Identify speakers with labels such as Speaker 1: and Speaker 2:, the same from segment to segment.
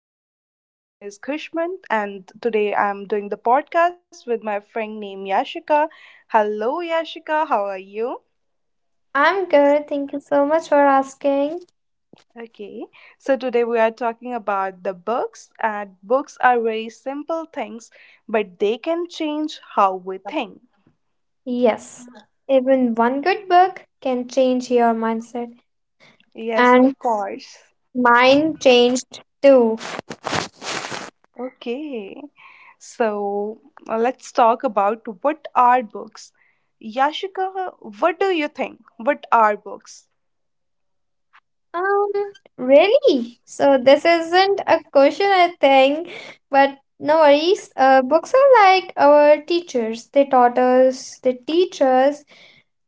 Speaker 1: podcast. My name is Kushmant, and today I'm doing the podcast with my friend named Yashika. Hello, Yashika. How are you?
Speaker 2: I'm good. Thank you so much for asking.
Speaker 1: Okay, so today we are talking about the books, and books are very simple things, but they can change how we think.
Speaker 2: Yes, even one good book can change your mindset,
Speaker 1: Yes,
Speaker 2: and
Speaker 1: of course.
Speaker 2: mine changed too.
Speaker 1: Okay, so let's talk about what are books. Yashika, what do you think? What are books?
Speaker 2: Um, really? So this isn't a question, I think, but no worries. Books are like our teachers. They teach us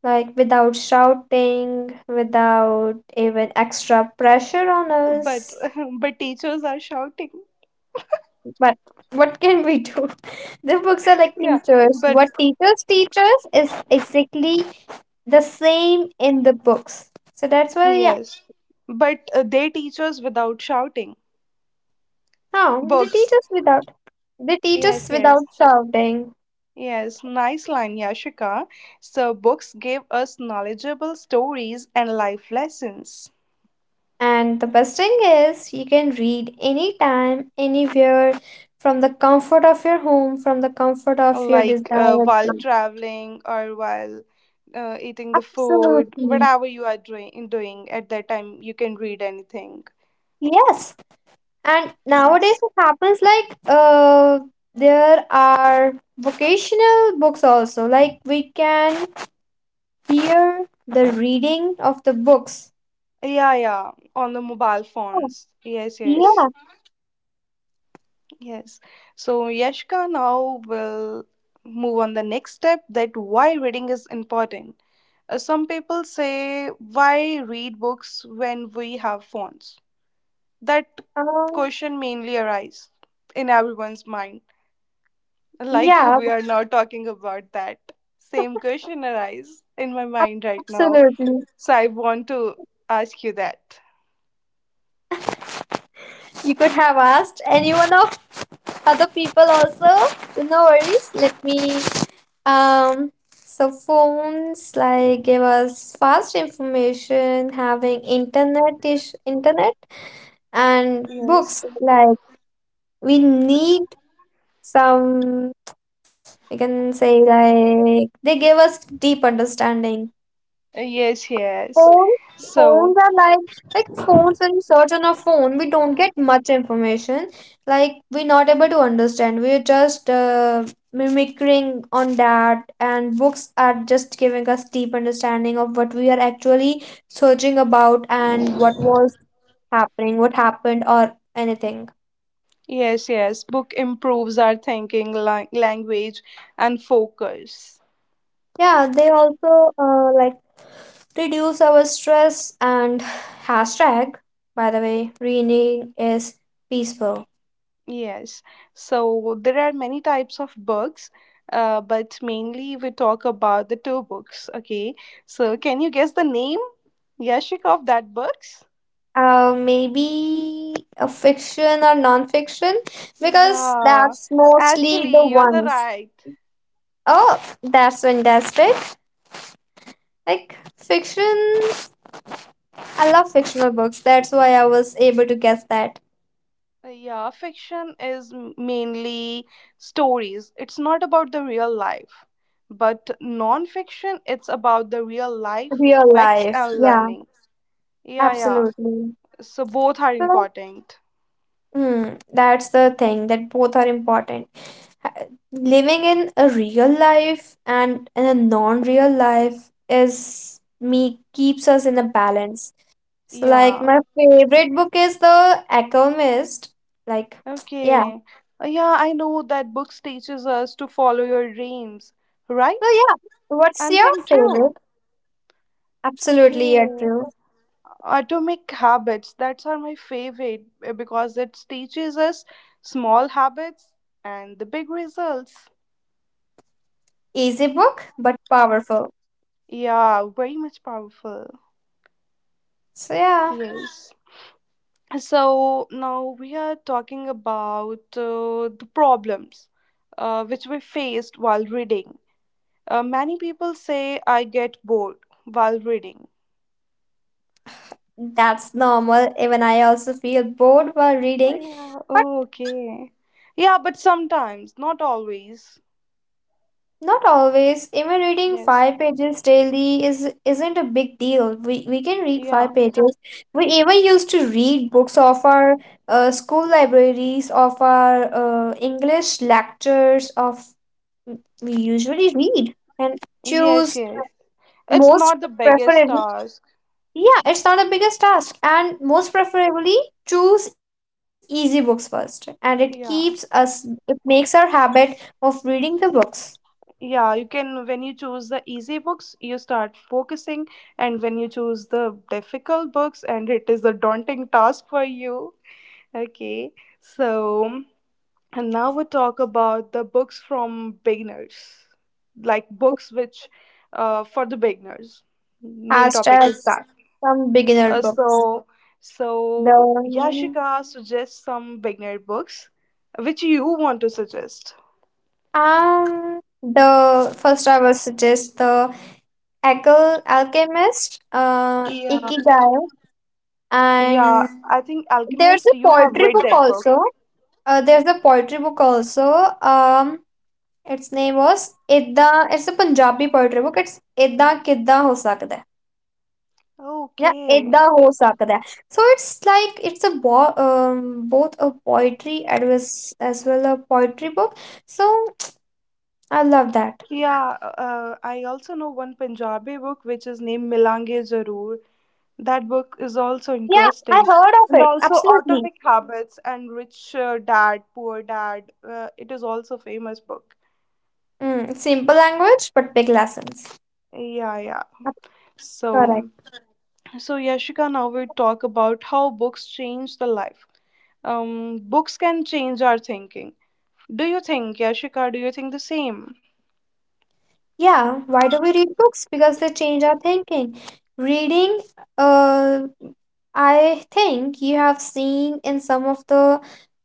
Speaker 2: like without shouting, without even extra pressure on
Speaker 1: But
Speaker 2: us.
Speaker 1: but teachers are shouting.
Speaker 2: But what can we do? The books are like
Speaker 1: Yeah.
Speaker 2: teachers.
Speaker 1: But
Speaker 2: What teachers teach us is exactly the same in the books. So that's why, yeah,
Speaker 1: yes, but they teach us without shouting
Speaker 2: no,
Speaker 1: books.
Speaker 2: they teach us
Speaker 1: Yes, yes.
Speaker 2: without shouting.
Speaker 1: Yes, nice line, Yashika. So books gave us knowledgeable stories and life lessons.
Speaker 2: And the best thing is, you can read anytime, anywhere, from the comfort of your home, from the comfort of your
Speaker 1: Like
Speaker 2: desired.
Speaker 1: while
Speaker 2: Place.
Speaker 1: traveling or while eating the food,
Speaker 2: Absolutely.
Speaker 1: whatever you are doing at that time you can read anything.
Speaker 2: Yes. And nowadays
Speaker 1: Yes.
Speaker 2: it happens like there are vocational books also. Like we can hear the reading of the books.
Speaker 1: Yeah, yeah, on the mobile
Speaker 2: Oh,
Speaker 1: phones. Yes, yes.
Speaker 2: yeah.
Speaker 1: Yes. So Yashka, now will move on the next step, that why reading is important. Some people say why read books when we have phones. That
Speaker 2: Um,
Speaker 1: question mainly arises in everyone's mind. Like
Speaker 2: yeah,
Speaker 1: we are not talking about that. Same question arises in my mind right now.
Speaker 2: absolutely.
Speaker 1: So I want to ask you that.
Speaker 2: You could have asked anyone of other people also. So no worries. Let me so phones like give us fast information having internet ish internet, and books
Speaker 1: Yes.
Speaker 2: like we need some, we can say like they gave us deep understanding.
Speaker 1: Yes, yes.
Speaker 2: phone Phones
Speaker 1: So
Speaker 2: are like phones, when we search on a phone we don't get much information, like we're not able to understand, we're just mimicking on that. And books are just giving us deep understanding of what we are actually searching about, and what was happening, what happened, or anything.
Speaker 1: yes, yes. Book improves our thinking, language, and focus.
Speaker 2: Yeah, they also like reduce our stress and hashtag, by the way, reading is peaceful.
Speaker 1: Yes. So there are many types of books, but mainly we talk about the two books. Okay. So can you guess the name, Yashik, of that books?
Speaker 2: Maybe a fiction or non-fiction because
Speaker 1: Yeah.
Speaker 2: that's mostly the
Speaker 1: Actually, you're the
Speaker 2: ones.
Speaker 1: right.
Speaker 2: Oh, that's fantastic. Like fiction, I love fictional books. That's why I was able to guess that.
Speaker 1: Yeah, fiction is mainly stories. It's not about the real life, but non-fiction, it's about the real life,
Speaker 2: Real
Speaker 1: facts,
Speaker 2: life,
Speaker 1: and
Speaker 2: yeah,
Speaker 1: learning. Yeah, yeah.
Speaker 2: absolutely.
Speaker 1: So both are
Speaker 2: So,
Speaker 1: important.
Speaker 2: hmm, that's the thing that both are important. Ha- Living in a real life and in a non-real life is me keeps us in a balance. So like
Speaker 1: Yeah.
Speaker 2: my favorite book is The Alchemist. Like yeah.
Speaker 1: Okay. Yeah, I know that books teaches us to follow your dreams,
Speaker 2: So
Speaker 1: right?
Speaker 2: yeah, what's
Speaker 1: I'm
Speaker 2: your
Speaker 1: saying
Speaker 2: favorite?
Speaker 1: true.
Speaker 2: Absolutely, you're
Speaker 1: Okay.
Speaker 2: true.
Speaker 1: Atomic habits, that's are my favorite because it teaches us small habits and the big results.
Speaker 2: Easy book but powerful.
Speaker 1: Yeah, very much powerful.
Speaker 2: So yeah,
Speaker 1: Yes. So now we are talking about the problems which we faced while reading. Many people say I get bored while reading.
Speaker 2: that's normal. Even I also feel bored while
Speaker 1: Oh,
Speaker 2: reading.
Speaker 1: yeah. Oh, okay. Yeah, but sometimes, not always.
Speaker 2: Not always. Even reading
Speaker 1: Yes.
Speaker 2: 5 pages daily is isn't a big deal. We can read
Speaker 1: Yeah.
Speaker 2: 5 pages. We even used to read books of our school libraries, of our English lectures. Of we usually read and
Speaker 1: Yes,
Speaker 2: choose
Speaker 1: yes. It's
Speaker 2: most
Speaker 1: not the biggest
Speaker 2: preferably.
Speaker 1: task.
Speaker 2: Yeah, it's not the biggest task, and most preferably choose easy books first, and it keeps us.
Speaker 1: Yeah.
Speaker 2: It makes our habit of reading the books.
Speaker 1: Yeah, you can when you choose the easy books, you start focusing, and when you choose the difficult books and it is a daunting task for you. Okay. So, and now we talk about the books from beginners, like books which for the beginners. Main
Speaker 2: as
Speaker 1: topic is
Speaker 2: as
Speaker 1: that.
Speaker 2: some beginner
Speaker 1: Uh,
Speaker 2: books.
Speaker 1: so, so
Speaker 2: The
Speaker 1: Yashika suggests some beginner books, which you want to suggest.
Speaker 2: the first I will suggest the Alchemist,
Speaker 1: Yeah.
Speaker 2: Ikigai, and
Speaker 1: Yeah, I think
Speaker 2: there's
Speaker 1: Alchemist.
Speaker 2: a
Speaker 1: You have
Speaker 2: poetry
Speaker 1: read
Speaker 2: book
Speaker 1: that book.
Speaker 2: also. There's a poetry book also. Its name was Idda. It's a Punjabi poetry book. It's Idda Kidda Ho Sakda. Yeah,
Speaker 1: Okay.
Speaker 2: Edda ho sakada. So it's like it's a both a poetry advice as well a poetry book. So I love that.
Speaker 1: Yeah, I also know one Punjabi book which is named Milange Zaroor. That book is also
Speaker 2: Yeah, I
Speaker 1: interesting.
Speaker 2: heard
Speaker 1: And
Speaker 2: of it.
Speaker 1: also
Speaker 2: Absolutely.
Speaker 1: Atomic Habits and Rich Dad, Poor Dad. It is also famous book.
Speaker 2: Mm, simple language but big lessons.
Speaker 1: Yeah, yeah.
Speaker 2: Correct.
Speaker 1: So, so Yashika, now we talk about how books change the life. Books can change our thinking. Do you think, Yashika? Do you think the same?
Speaker 2: Yeah, why do we read books? Because they change our thinking. Reading, uh, I think you have seen in some of the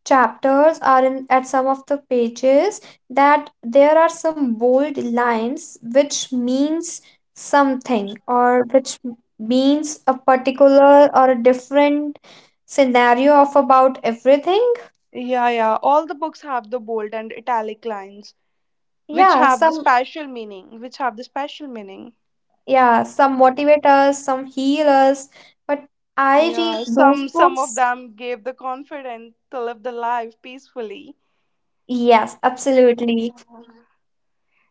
Speaker 2: chapters or in at some of the pages that there are some bold lines which means something, or which means a particular or a different scenario of about everything.
Speaker 1: Yeah, yeah. All the books have the bold and italic lines, which
Speaker 2: Yeah,
Speaker 1: have the
Speaker 2: some
Speaker 1: special meaning. Which have the special meaning.
Speaker 2: yeah, some motivate us, some heal us. But I read
Speaker 1: Yeah,
Speaker 2: those
Speaker 1: some of
Speaker 2: books.
Speaker 1: them gave the confidence to live the life peacefully.
Speaker 2: Yes, absolutely.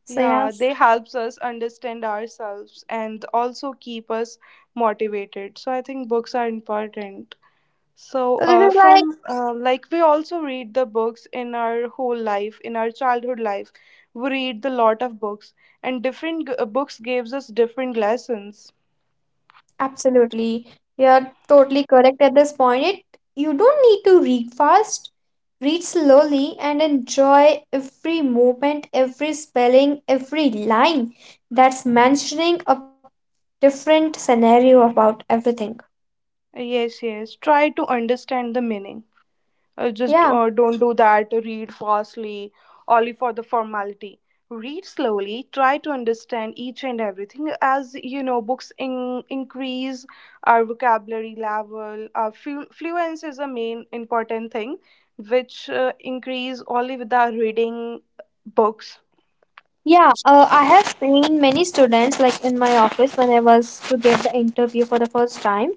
Speaker 2: So,
Speaker 1: Yeah,
Speaker 2: yes.
Speaker 1: they helps us understand ourselves and also keep us motivated. So I think books are important. So
Speaker 2: So, this
Speaker 1: uh,
Speaker 2: is like,
Speaker 1: from uh, like we also read the books in our whole life, in our childhood life, we read the lot of books, and different books gives us different lessons.
Speaker 2: absolutely. You're totally correct at this point. It, you don't need to read fast. Read slowly and enjoy every movement, every spelling, every line that's mentioning a different scenario about everything.
Speaker 1: Yes, yes. Try to understand the meaning. Uh, just
Speaker 2: Yeah.
Speaker 1: uh, don't do that. Read fastly, only for the formality. Read slowly. Try to understand each and everything. As you know, books increase our vocabulary level. Our fluence is a main important thing, which increase only with our reading books.
Speaker 2: Yeah, I have seen many students like in my office when I was to get the interview for the first time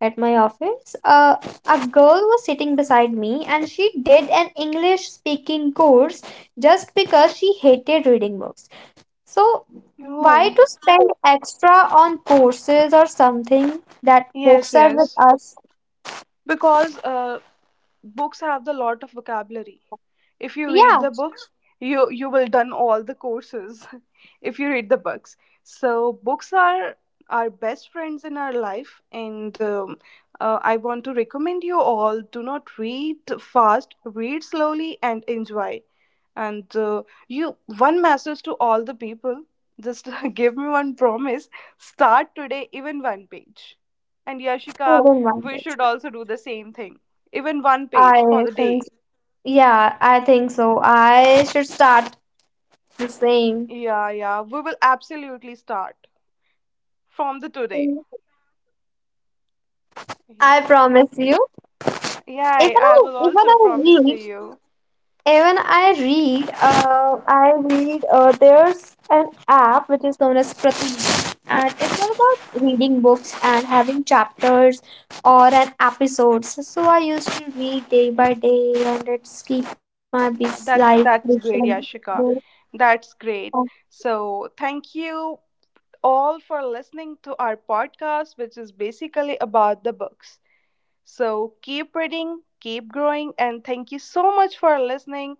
Speaker 2: at my office. A girl was sitting beside me and she did an English speaking course just because she hated reading books. So, why to
Speaker 1: Oh,
Speaker 2: spend extra on courses or something that books
Speaker 1: yes,
Speaker 2: are with
Speaker 1: yes.
Speaker 2: us?
Speaker 1: Because books have the lot of vocabulary. If you read
Speaker 2: Yeah,
Speaker 1: the books, you will done all the courses if you read the books. So books are our best friends in our life, and I want to recommend you all, do not read fast, read slowly and enjoy. And you one message to all the people, just give me one promise, start today, even one page. And Yashika,
Speaker 2: student
Speaker 1: we
Speaker 2: language.
Speaker 1: should also do the same thing, even one page
Speaker 2: I
Speaker 1: for the
Speaker 2: think,
Speaker 1: day.
Speaker 2: yeah, I think so. I should start the same.
Speaker 1: Yeah, yeah, we will absolutely start from the today.
Speaker 2: I
Speaker 1: Yeah.
Speaker 2: promise you.
Speaker 1: Yeah,
Speaker 2: Even
Speaker 1: I
Speaker 2: I
Speaker 1: will
Speaker 2: even
Speaker 1: also
Speaker 2: I
Speaker 1: promise to
Speaker 2: read
Speaker 1: you.
Speaker 2: even I read there's an app which is known as Pratik and it's all about reading books and having chapters or an episodes. So I used to read day by day and it's keep my busy
Speaker 1: Yeah,
Speaker 2: life
Speaker 1: that's
Speaker 2: busy.
Speaker 1: great, Yashika. That's great. So thank you all for listening to our podcast, which is basically about the books. So keep reading, keep growing, and thank you so much for listening.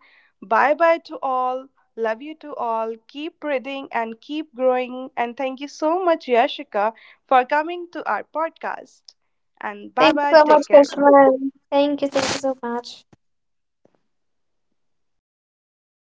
Speaker 1: Bye bye to all. Love you to all. Keep reading and keep growing. And thank you so much, Yashika, for coming to our podcast. And bye
Speaker 2: Thank you
Speaker 1: bye.
Speaker 2: so
Speaker 1: Take
Speaker 2: much,
Speaker 1: care.
Speaker 2: Krishna. Thank you so much.